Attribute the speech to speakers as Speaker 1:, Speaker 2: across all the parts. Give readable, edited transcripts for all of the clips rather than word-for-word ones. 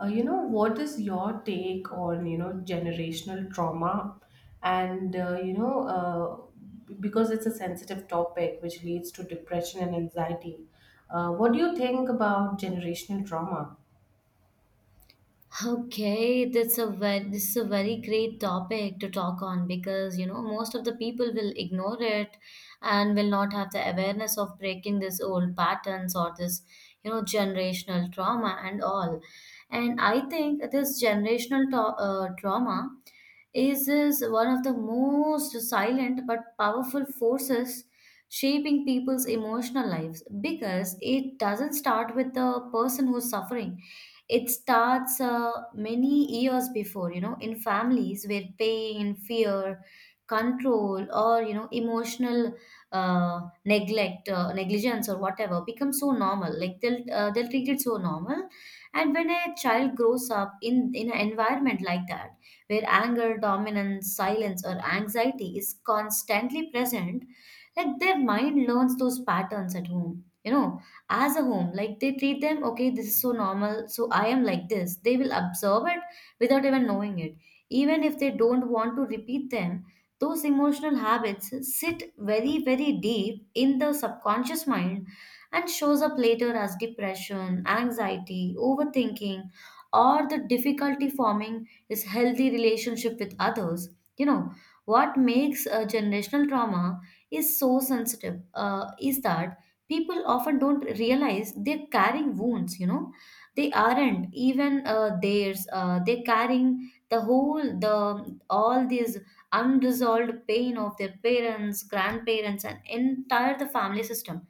Speaker 1: What is your take on, generational trauma? And, uh, you know, because it's a sensitive topic which leads to depression and anxiety, what do you think about generational trauma?
Speaker 2: Okay, that's a very this is a very great topic to talk on because most of the people will ignore it and will not have the awareness of breaking these old patterns or this generational trauma and all. And I think this generational trauma is one of the most silent but powerful forces shaping people's emotional lives, because it doesn't start with the person who's suffering. It starts many years before, in families where pain, fear, control, or, emotional neglect, negligence, or whatever becomes so normal. Like they'll treat it so normal. And when a child grows up in an environment like that, where anger, dominance, silence, or anxiety is constantly present, like their mind learns those patterns at home, as a home. Like they treat them, okay, this is so normal, so I am like this, they will observe it without even knowing it. Even if they don't want to repeat them, those emotional habits sit very, very deep in the subconscious mind, and shows up later as depression, anxiety, overthinking, or the difficulty forming this healthy relationship with others you know what makes a generational trauma is so sensitive is that people often don't realize they're carrying wounds. They aren't even theirs. They're carrying the whole the all these unresolved pain of their parents, grandparents, and entire the family system.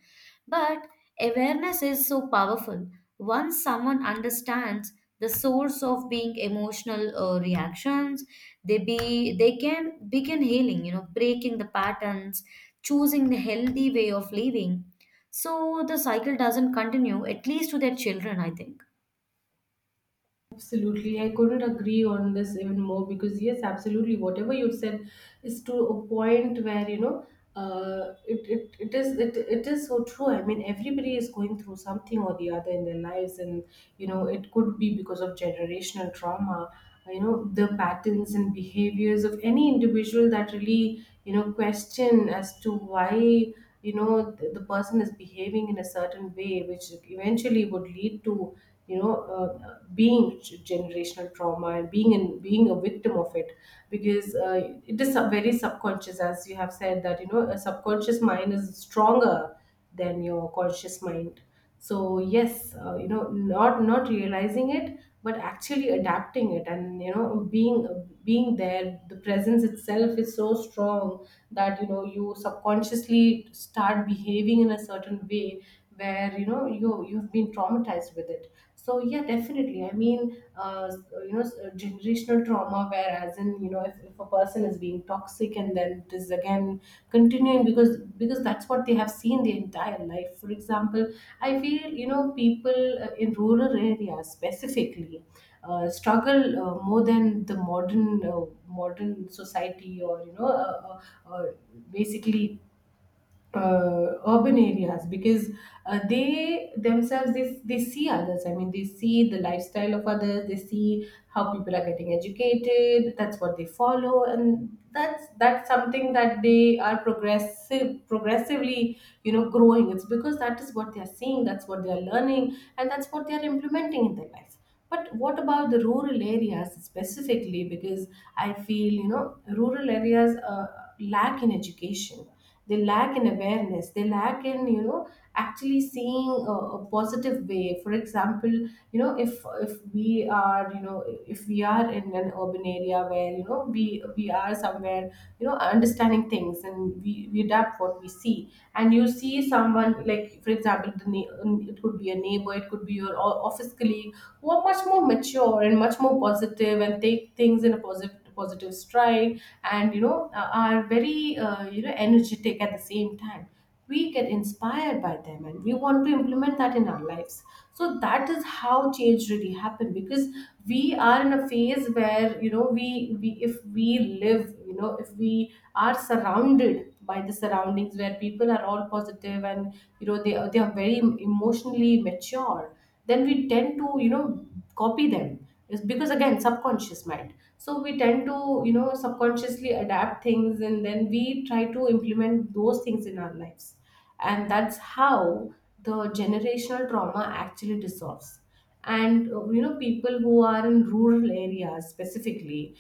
Speaker 2: But awareness is so powerful. Once someone understands the source of being emotional reactions, they can begin healing. Breaking the patterns, choosing the healthy way of living, so the cycle doesn't continue, at least to their children, I think.
Speaker 1: Absolutely, I couldn't agree on this even more because, yes, absolutely, whatever you said is to a point where, you know, it is so true. I mean, everybody is going through something or the other in their lives, and you know it could be because of generational trauma. You know, the patterns and behaviors of any individual that really, you know, question as to why, you know, the person is behaving in a certain way, which eventually would lead to, you know, generational trauma and being a victim of it because it is very subconscious, as you have said, that, you know, a subconscious mind is stronger than your conscious mind. So, yes, you know, not realizing it but actually adapting it, and, you know, being there, the presence itself is so strong that, you know, you subconsciously start behaving in a certain way where, you know, you've been traumatized with it. So, yeah, definitely, I mean, you know, generational trauma, where as in you know, if a person is being toxic and then it is again continuing because that's what they have seen their entire life. For example, I feel, you know, people in rural areas specifically struggle more than the modern society, or, you know, uh, uh, basically urban areas, because they themselves, they see others. I mean, they see the lifestyle of others, they see how people are getting educated. That's what they follow, and that's something that they are progressively, you know, growing. It's because that is what they are seeing, that's what they are learning, and that's what they are implementing in their life. But what about the rural areas specifically? Because I feel, you know, rural areas lack in education, they lack in awareness, they lack in, you know, actually seeing a positive way. For example, you know, if we are, you know, if we are in an urban area where, you know, we are somewhere, you know, understanding things, and we adapt what we see, and you see someone, like, for example, it could be a neighbor, it could be your office colleague, who are much more mature and much more positive and take things in a positive positive stride, and, you know, are very, you know, energetic. At the same time, we get inspired by them, and we want to implement that in our lives. So that is how change really happened, because we are in a phase where, you know, we if we live, you know, if we are surrounded by the surroundings where people are all positive and, you know, they are very emotionally mature, then we tend to, you know, copy them. It's because, again, subconscious mind. So we tend to, you know, subconsciously adapt things, and then we try to implement those things in our lives, and that's how the generational trauma actually dissolves. And you know, people who are in rural areas specifically,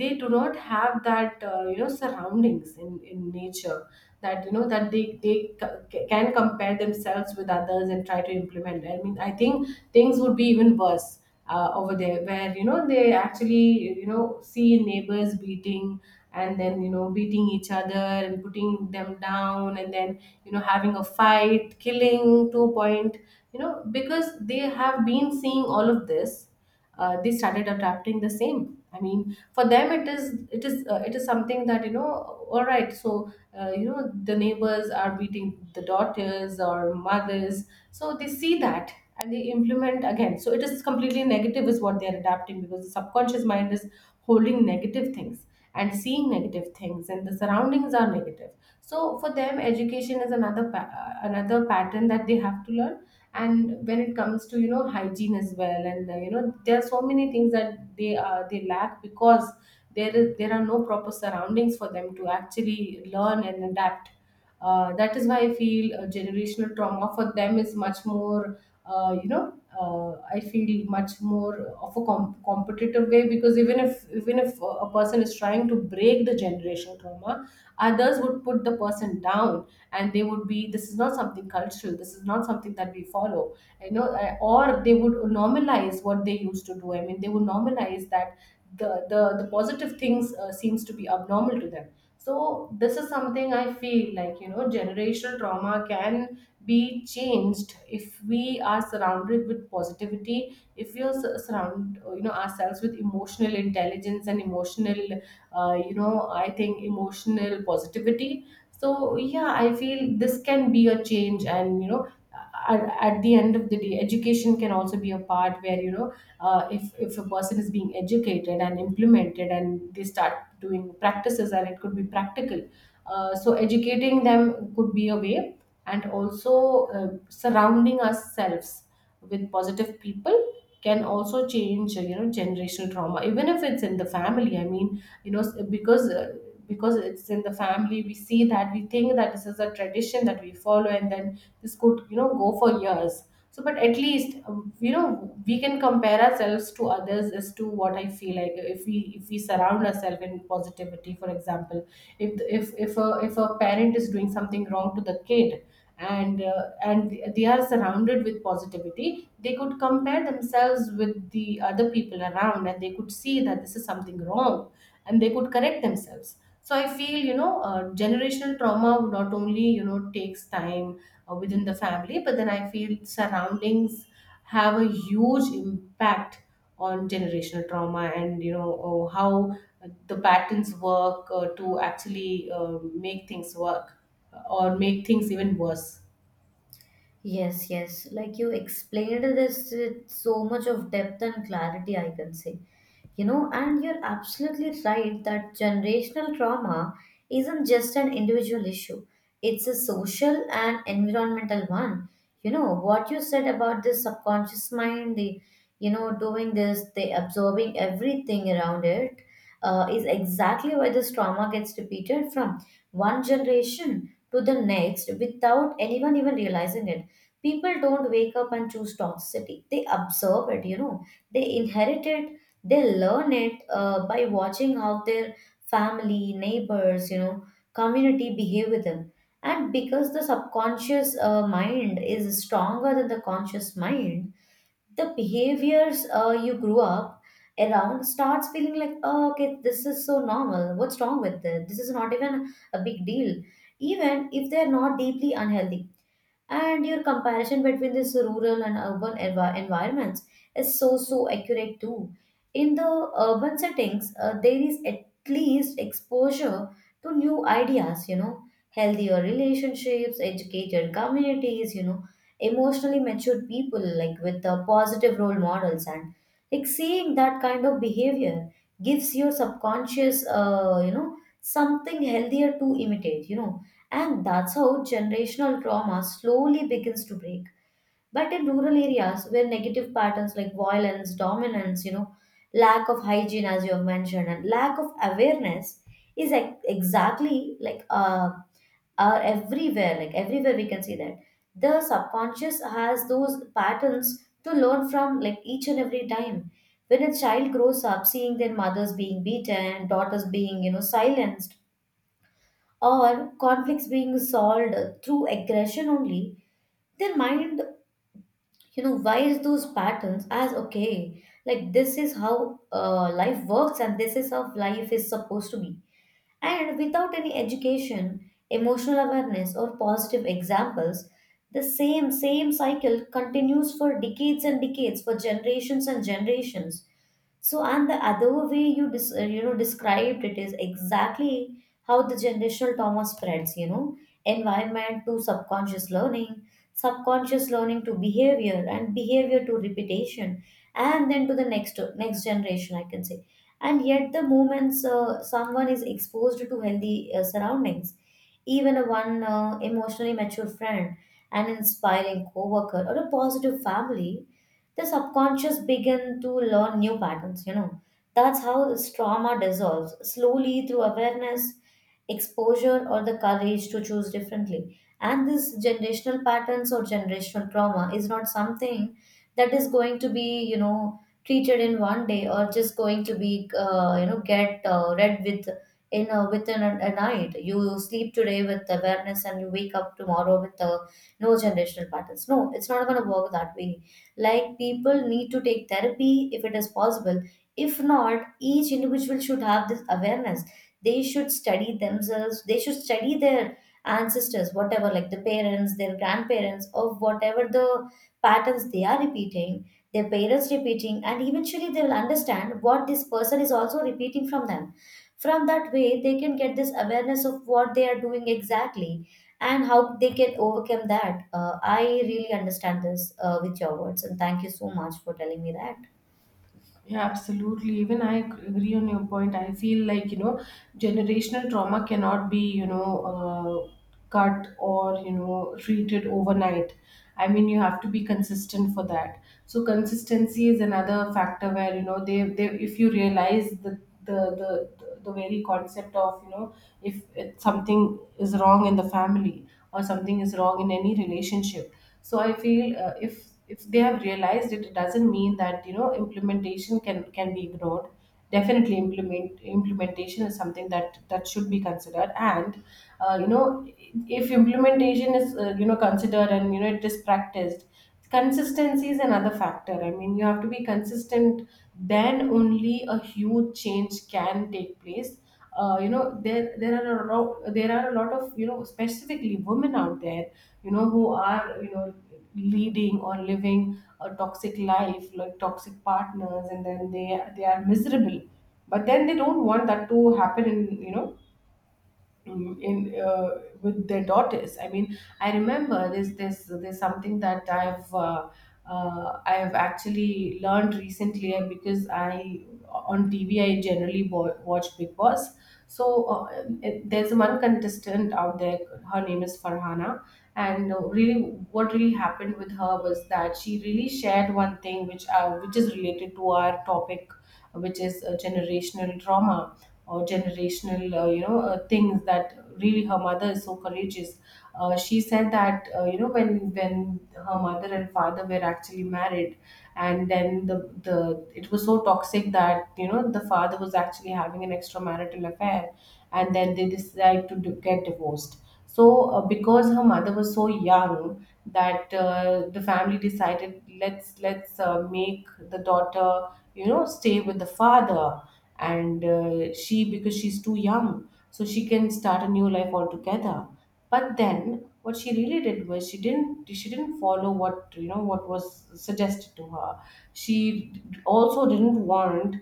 Speaker 1: they do not have that, you know, surroundings in nature, that, you know, that they can compare themselves with others and try to implement. I mean, I think things would be even worse over there, where, you know, they actually, you know, see neighbors beating and then, you know, beating each other and putting them down, and then, you know, having a fight, killing, to a point. You know, because they have been seeing all of this, they started adapting the same. I mean, for them, it is, it is something that, you know, all right. So, you know, the neighbors are beating the daughters or mothers, so they see that and they implement again. So it is completely negative is what they are adapting, because the subconscious mind is holding negative things and seeing negative things, and the surroundings are negative. So for them education is another another pattern that they have to learn. And when it comes to, you know, hygiene as well, and, you know, there are so many things that they, they lack, because there are no proper surroundings for them to actually learn and adapt. That is why I feel generational trauma for them is much more, you know, I feel much more of a competitive way, because even if a person is trying to break the generational trauma, others would put the person down, and they would be, this is not something cultural, this is not something that we follow. You know, or they would normalize what they used to do. I mean, they would normalize that the positive things seems to be abnormal to them. So this is something I feel like, you know, generational trauma can be changed if we are surrounded with positivity, if we are surround, you know, ourselves with emotional intelligence and emotional, you know, I think emotional positivity. So, yeah, I feel this can be a change. And you know, at the end of the day, education can also be a part where, you know, if a person is being educated and implemented and they start doing practices, and it could be practical. So educating them could be a way. And also, surrounding ourselves with positive people can also change, you know, generational trauma, even if it's in the family. I mean, you know, because it's in the family, we see that, we think that this is a tradition that we follow, and then this could, you know, go for years. So, but at least you know, we can compare ourselves to others, as to, what I feel like, if we surround ourselves in positivity. For example, if a parent is doing something wrong to the kid, and they are surrounded with positivity, they could compare themselves with the other people around, and they could see that this is something wrong, and they could correct themselves. So I feel, you know, generational trauma not only, you know, takes time within the family, but then I feel surroundings have a huge impact on generational trauma, and, you know, oh, how the patterns work, to actually, make things work, or make things even worse.
Speaker 2: Yes, yes. Like you explained this with so much of depth and clarity, I can say. And you're absolutely right that generational trauma isn't just an individual issue, it's a social and environmental one. What you said about the subconscious mind, the doing this, they absorbing everything around it, is exactly why this trauma gets repeated from one generation to the next without anyone even realizing it. People don't wake up and choose toxicity, they absorb it, you know, they inherit it. They learn it by watching how their family, neighbors, community behave with them. And because the subconscious mind is stronger than the conscious mind, the behaviors you grew up around starts feeling like, oh, okay, this is so normal, what's wrong with this, this is not even a big deal, even if they're not deeply unhealthy. And your comparison between this rural and urban environments is so, so accurate too. In the urban settings, there is at least exposure to new ideas, healthier relationships, educated communities, emotionally matured people, like with positive role models, and like seeing that kind of behavior gives your subconscious something healthier to imitate. And that's how generational trauma slowly begins to break. But in rural areas where negative patterns like violence, dominance, lack of hygiene, as you have mentioned, and lack of awareness exactly like are everywhere, like everywhere we can see that, the subconscious has those patterns to learn from, like each and every time when a child grows up seeing their mothers being beaten, daughters being silenced, or conflicts being solved through aggression only, their mind, wires those patterns as, okay, like, this is how life works and this is how life is supposed to be. And without any education, emotional awareness, or positive examples, the same cycle continues for decades and decades, for generations and generations. So, and the other way you dis- you know described it is exactly how the generational trauma spreads. Environment to subconscious learning to behavior, and behavior to repetition, and then to the next generation, I can say. And yet the moments someone is exposed to healthy surroundings, even a one emotionally mature friend, an inspiring coworker, or a positive family, the subconscious begin to learn new patterns. That's how this trauma dissolves slowly through awareness, exposure, or the courage to choose differently. And this generational patterns or generational trauma is not something that is going to be treated in one day, or just going to be get read with in within a night. You sleep today with awareness and you wake up tomorrow with a no generational patterns. No, it's not going to work that way. Like, people need to take therapy if it is possible. If not, each individual should have this awareness. They should study themselves, they should study their ancestors, whatever, like the parents, their grandparents, of whatever the patterns they are repeating, their parents repeating, and eventually they will understand what this person is also repeating from them. From that way, they can get this awareness of what they are doing exactly and how they can overcome that. I really understand this with your words, and thank you so much for telling me that.
Speaker 1: Yeah, absolutely. Even I agree on your point. I feel like, you know, generational trauma cannot be, you know, cut, or, you know, treated overnight. I mean, you have to be consistent for that. So consistency is another factor where, you know, they if you realize the, the, the very concept of, you know, if it, something is wrong in the family, or something is wrong in any relationship. So I feel, if they have realized it, it doesn't mean that, you know, implementation can be ignored. Definitely, implementation is something that should be considered. And, you know, if implementation is, you know, considered, and, you know, it is practiced, consistency is another factor. I mean, you have to be consistent, then only a huge change can take place. You know, there are a lot of, you know, specifically, women out there, you know, who are, you know, leading or living a toxic life, like toxic partners, and then they are miserable. But then they don't want that to happen in, you know, in, with their daughters. I mean, I remember this, there's something that I've actually learned recently, because I, on TV I generally watch Big Boss. So, uh, there's one contestant out there, her name is Farhana. And, really, what really happened with her was that she really shared one thing, which, which is related to our topic, which is, generational trauma or generational, things, that really her mother is so courageous. She said that, you know, when her mother and father were actually married, and then the it was so toxic that, you know, the father was actually having an extramarital affair, and then they decided to get divorced. So, because her mother was so young, that, the family decided, let's, let's make the daughter, you know, stay with the father. And, she, because she's too young, so She can start a new life altogether. But then what she really did was she didn't follow what what was suggested to her. She also didn't want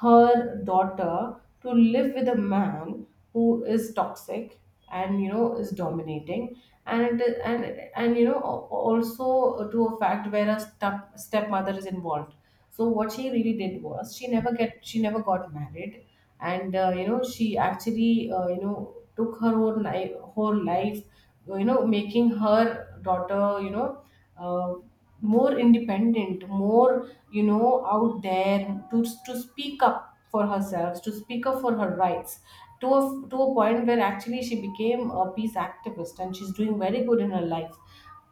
Speaker 1: her daughter to live with a man who is toxic and is dominating, and and and also to a fact where a stepmother is involved. So what she really did was she never got married, and she actually took her own life whole life, making her daughter uh, more independent, more out there to speak up for herself, to speak up for her rights. To a point where actually she became a peace activist and she's doing very good in her life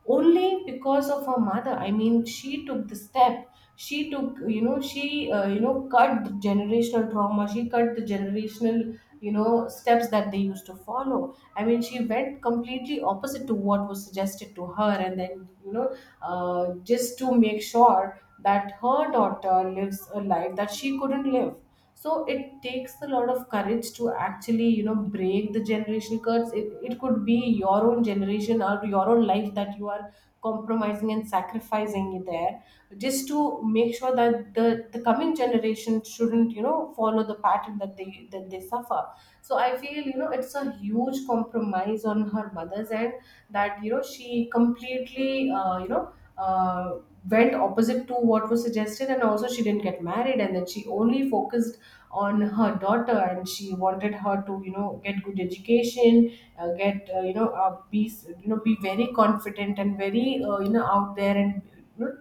Speaker 1: only because of her mother. I mean, she took the step. She took you know she uh, you know cut the generational trauma. She cut the generational steps that they used to follow. I mean, she went completely opposite to what was suggested to her, and then just to make sure that her daughter lives a life that she couldn't live. So it takes a lot of courage to actually break the generation curse. It could be your own generation or your own life that you are compromising and sacrificing it there, just to make sure that the coming generation shouldn't follow the pattern that they suffer. So I feel, it's a huge compromise on her mother's end, that she completely uh, went opposite to what was suggested, and also she didn't get married, and then she only focused on her daughter, and she wanted her to get good education, get be be very confident and very out there, and you know,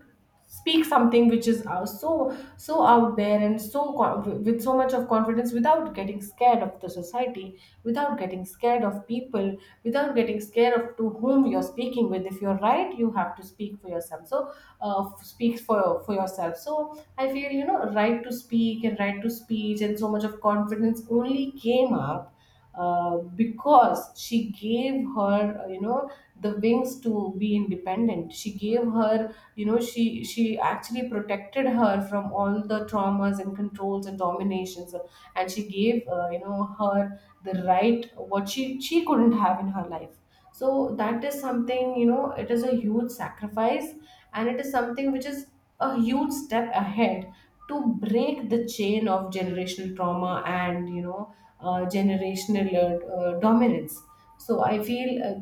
Speaker 1: speak something which is so so out there, and so with so much of confidence, without getting scared of the society, without getting scared of people, without getting scared of to whom you're speaking with. If you're right, you have to speak for yourself. So speak for yourself. So I feel, you know, right to speak and right to speech and so much of confidence only came up because she gave her, the wings to be independent. She gave her, you know, she actually protected her from all the traumas and controls and dominations, and she gave, her the right what she couldn't have in her life. So that is something, you know, it is a huge sacrifice, and it is something which is a huge step ahead to break the chain of generational trauma, and generational dominance. So I feel,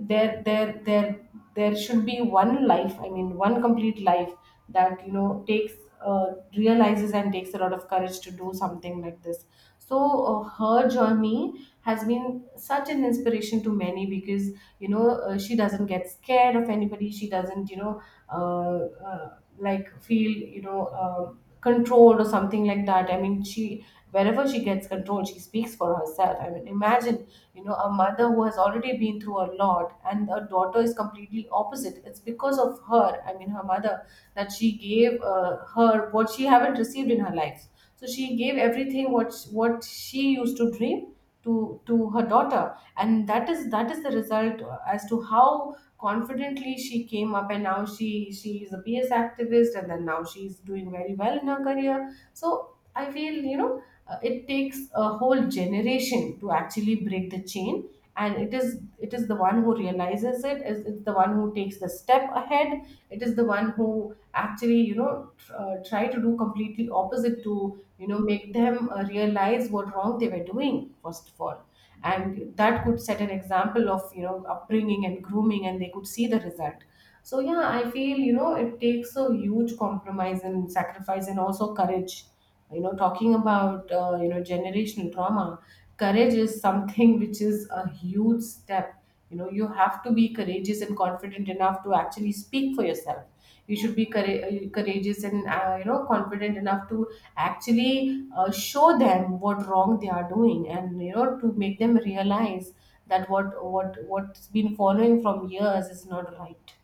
Speaker 1: there there there there should be one life, I mean, one complete life, that takes, uh, realizes and takes a lot of courage to do something like this. So her journey has been such an inspiration to many, because she doesn't get scared of anybody. She doesn't uh, uh, like feel controlled or something like that. I mean, she, wherever she gets control, she speaks for herself. I mean, imagine, a mother who has already been through a lot, and a daughter is completely opposite. It's because of her, I mean, her mother, that she gave her what she haven't received in her life. So she gave everything what she used to dream to her daughter, and that is the result, as to how confidently she came up, and now she is a PS activist, and then now she's doing very well in her career. So I feel, it takes a whole generation to actually break the chain. And it is the one who realizes, it is it's the one who takes the step ahead, it is the one who actually try to do completely opposite, to make them realize what wrong they were doing first of all. And that could set an example of upbringing and grooming, and they could see the result. So yeah, I feel, it takes a huge compromise and sacrifice and also courage. You know, talking about generational trauma, courage is something which is a huge step. You know, you have to be courageous and confident enough to actually speak for yourself. You should be courageous and confident enough to actually show them what wrong they are doing, and to make them realize that what's been following from years is not right.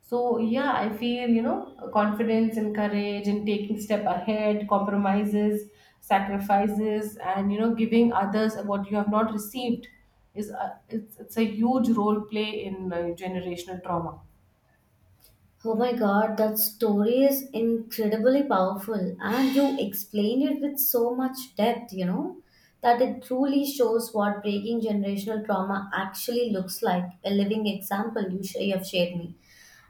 Speaker 1: So yeah, I feel, confidence and courage and taking step ahead, compromises, sacrifices, and giving others what you have not received is it's a huge role play in generational trauma.
Speaker 2: Oh my god, that story is incredibly powerful, and you explained it with so much depth, you know, that it truly shows what breaking generational trauma actually looks like. A living example you have shared me.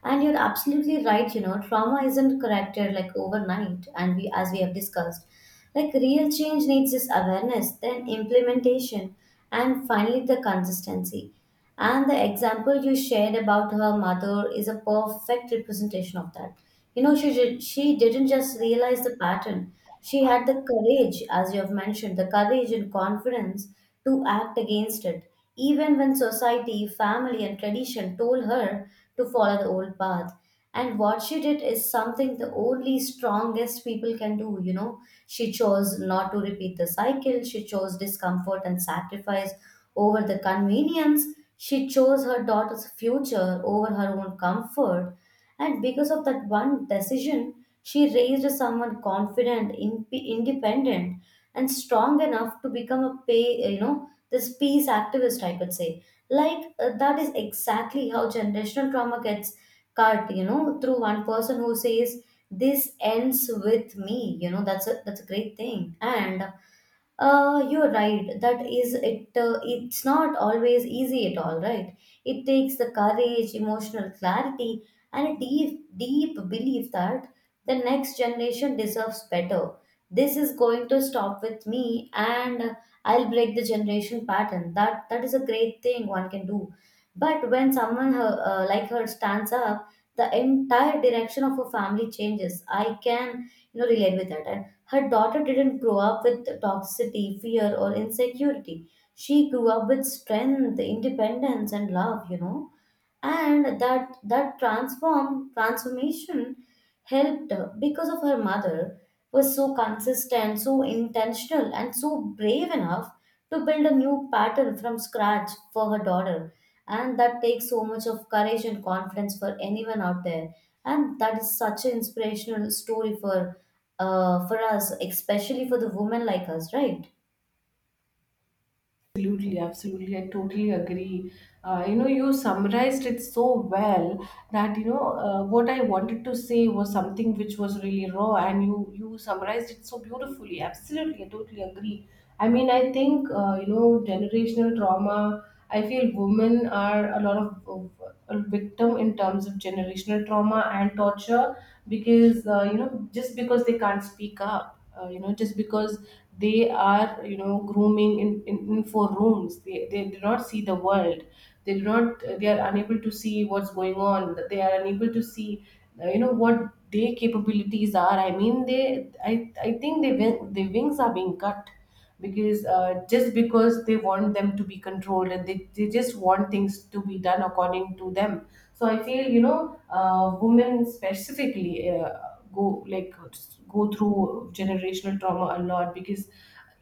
Speaker 2: And you're absolutely right, trauma isn't corrected like overnight, and as we have discussed, like real change needs this awareness, then implementation, and finally the consistency. And the example you shared about her mother is a perfect representation of that. You know, she did, she didn't just realize the pattern; she had the courage, as you have mentioned, the courage and confidence to act against it even when society, family, and tradition told her to follow the old path. And what she did is something the only strongest people can do, you know. She chose not to repeat the cycle, she chose discomfort and sacrifice over the convenience, she chose her daughter's future over her own comfort. And because of that one decision, she raised someone confident, independent, and strong enough to become a pay you know this peace activist, I could say. Like that is exactly how generational trauma gets cut through one person who says this ends with me. That's a great thing. And you're right. That is it. It's not always easy at all, right? It takes the courage, emotional clarity, and a deep, deep belief that the next generation deserves better. This is going to stop with me, and I'll break the generation pattern. That is a great thing one can do. But when someone like her stands up, the entire direction of a family changes. I can relate with that. And her daughter didn't grow up with toxicity, fear, or insecurity. She grew up with strength, independence, and love, you know, and that transformation helped her, because of her mother was so consistent, so intentional, and so brave enough to build a new pattern from scratch for her daughter. And that takes so much of courage and confidence for anyone out there, and that is such an inspirational story for us, especially for the women like us, right?
Speaker 1: Absolutely, absolutely. I totally agree. You know, you summarized it so well that what I wanted to say was something which was really raw, and you summarized it so beautifully. Absolutely, I totally agree. I mean, I think generational trauma, I feel women are a lot a victim in terms of generational trauma and torture, because just because they can't speak up, just because they are grooming in four rooms, they do not see the world, they do not, they are unable to see what's going on, they are unable to see what their capabilities are. I mean, I think their wings are being cut, because just because they want them to be controlled, and they just want things to be done according to them. So I feel, women specifically go like go through generational trauma a lot, because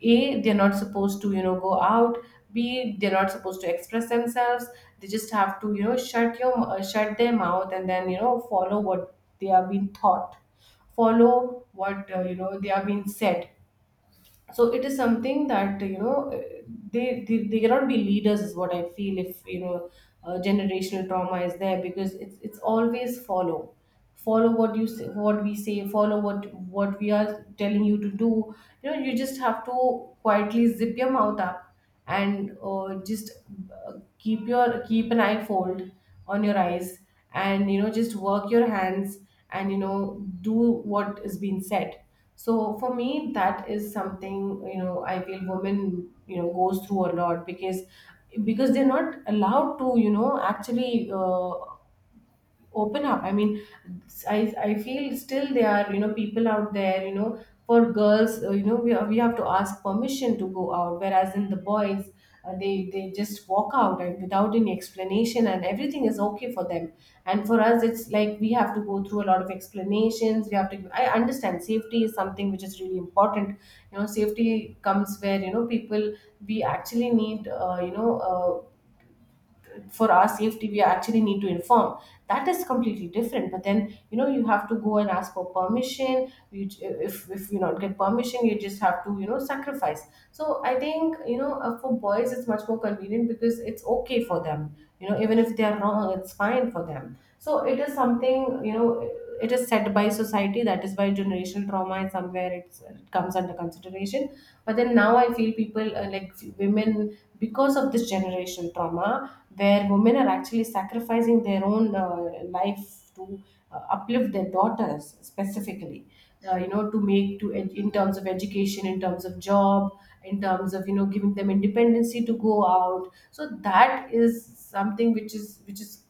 Speaker 1: A, they're not supposed to go out, B, they're not supposed to express themselves, they just have to shut your shut their mouth, and then follow what they are being taught, follow what they are being said. So it is something that they cannot be leaders, is what I feel. If generational trauma is there, because it's always follow, follow what you say, what we say, follow what we are telling you to do. You know, you just have to quietly zip your mouth up, and just uh, keep your, keep an eye fold on your eyes, and just work your hands, and do what is being said. So for me, that is something, you know, I feel women, you know, goes through a lot, because they're not allowed to actually open up. I mean, I feel still there are people out there, you know, for girls, we have to ask permission to go out, whereas in the boys, they just walk out and without any explanation, and everything is okay for them. And for us, it's like we have to go through a lot of explanations. We have to, I understand, safety is something which is really important. You know, safety comes where, you know, people, we actually need for our safety, we actually need to inform. That is completely different. But then, you know, you have to go and ask for permission. You, if you not get permission, you just have to, you know, sacrifice. So I think, for boys it's much more convenient, because it's okay for them, you know, even if they are wrong, it's fine for them. So it is something, you know, it is set by society, that is why generational trauma is somewhere it comes under consideration. But then now I feel people, like women, because of this generational trauma, where women are actually sacrificing their own life to uplift their daughters specifically, to make to in terms of education, in terms of job, in terms of giving them independency to go out. So that is something which is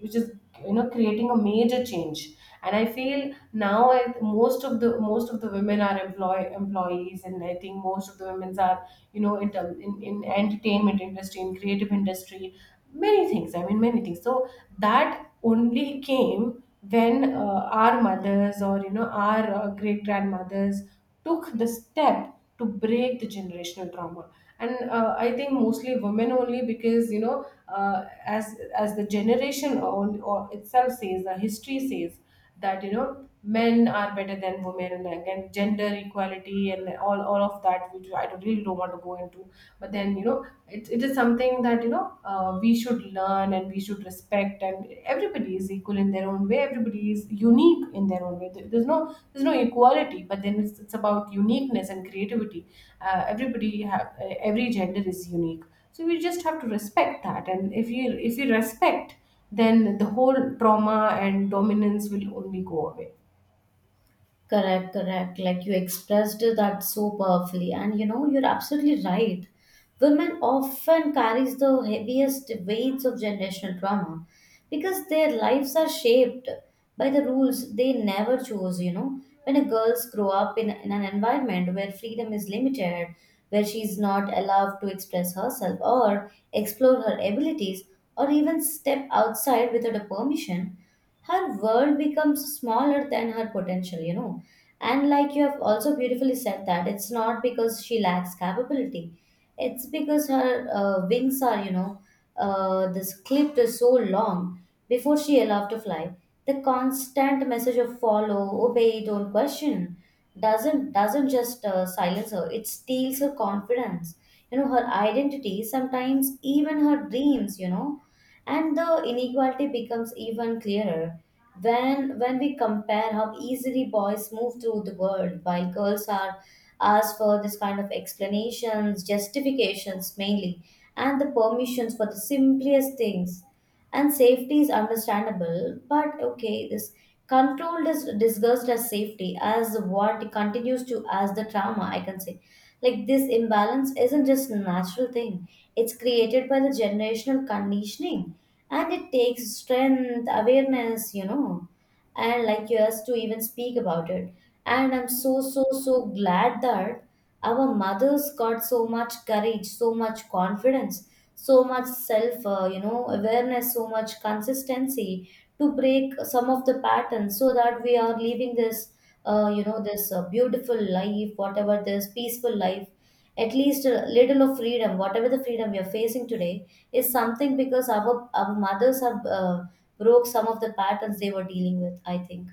Speaker 1: which is creating a major change. And I feel now most of the women are employees, and I think most of the women are, you know, in in entertainment industry, in creative industry, many things, I mean, many things. So that only came when our mothers, or our great grandmothers took the step to break the generational trauma. And I think mostly women only, because as the generation or itself says, the history says that men are better than women, and again gender equality and all of that, which I really don't want to go into. But then, you know, it is something that we should learn and we should respect, and everybody is equal in their own way, everybody is unique in their own way. There's no, there's no equality, but then it's about uniqueness and creativity. Everybody have every gender is unique. So we just have to respect that, and if you, if you respect, then the whole trauma and dominance will only go away.
Speaker 2: Correct, correct. Like you expressed that so powerfully. And you know, you're absolutely right. Women often carries the heaviest weights of generational trauma because their lives are shaped by the rules they never chose, you know. When a girls grow up in an environment where freedom is limited, where she's not allowed to express herself or explore her abilities or even step outside without a permission, her world becomes smaller than her potential, you know. And like you have also beautifully said, that it's not because she lacks capability, it's because her wings are you know, this clipped so long before she allowed to fly. The constant message of follow, obey, don't question doesn't just silence her; it steals her confidence, you know, her identity, sometimes even her dreams, and the inequality becomes even clearer when we compare how easily boys move through the world while girls are asked for this kind of explanations, justifications mainly, and the permissions for the simplest things. And safety is understandable, but okay, this control is discussed as safety as what continues to as the trauma, I can say. Like this imbalance isn't just a natural thing, it's created by the generational conditioning, and it takes strength, awareness, and like yours, to even speak about it. And I'm so, so, so glad that our mothers got so much courage, so much confidence, so much self awareness, so much consistency, to break some of the patterns so that we are living this beautiful life, whatever this peaceful life, at least a little of freedom, whatever the freedom we are facing today, is something because our mothers have broke some of the patterns they were dealing with, I think.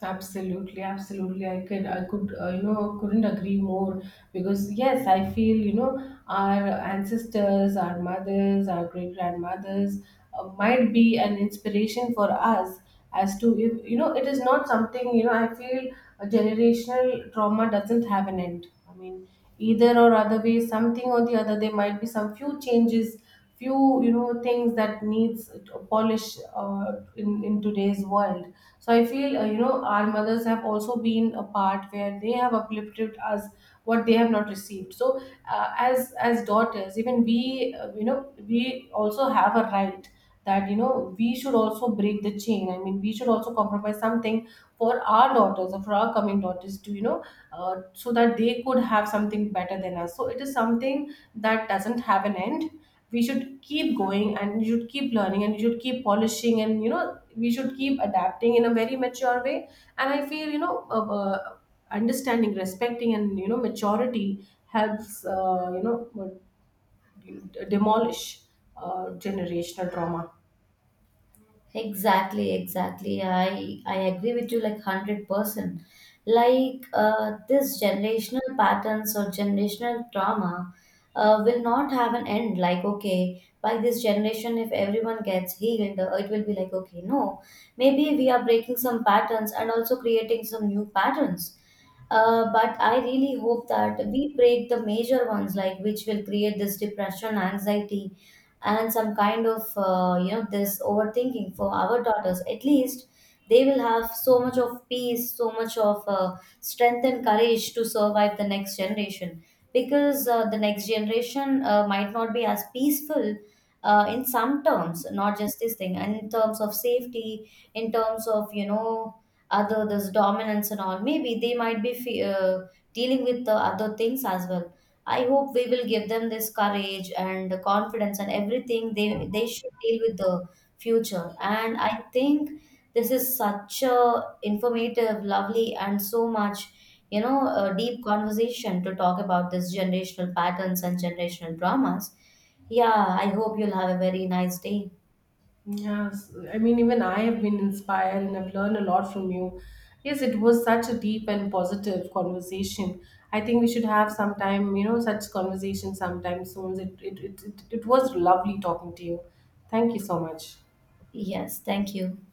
Speaker 1: Absolutely, absolutely. I could, couldn't agree more. Because yes, I feel, you know, our ancestors, our mothers, our great grandmothers, might be an inspiration for us as to, you know, it is not something, you know, I feel a generational trauma doesn't have an end. I mean, either or other way, something or the other, there might be some few changes, few, you know, things that needs to polish, in today's world. So I feel, our mothers have also been a part where they have uplifted us what they have not received. So as daughters, even we, we also have a right, that you know we should also break the chain. I mean, we should also compromise something for our daughters, or for our coming daughters, to you know, so that they could have something better than us. So it is something that doesn't have an end. We should keep going, and you should keep learning, and you should keep polishing, and you know, we should keep adapting in a very mature way. And I feel, understanding, respecting, and you know, maturity helps demolish generational trauma.
Speaker 2: Exactly, exactly. I agree with you, like, 100%. Like this generational patterns or generational trauma will not have an end. Like, okay, by this generation, if everyone gets healed, it will be like, okay, no, maybe we are breaking some patterns and also creating some new patterns. But I really hope that we break the major ones, like which will create this depression, anxiety, and some kind of this overthinking for our daughters. At least they will have so much of peace, so much of strength and courage to survive the next generation, because the next generation might not be as peaceful in some terms, not just this thing, and in terms of safety, in terms of other this dominance and all. Maybe they might be dealing with the other things as well. I hope we will give them this courage and the confidence and everything they should deal with the future. And I think this is such a informative, lovely, and so much, you know, a deep conversation to talk about this generational patterns and generational dramas. Yeah, I hope you'll have a very nice day.
Speaker 1: Yes, I mean, even I have been inspired and I've learned a lot from you. Yes, it was such a deep and positive conversation. I think we should have some time, you know, such conversation sometime soon. It was lovely talking to you. Thank you so much.
Speaker 2: Yes, thank you.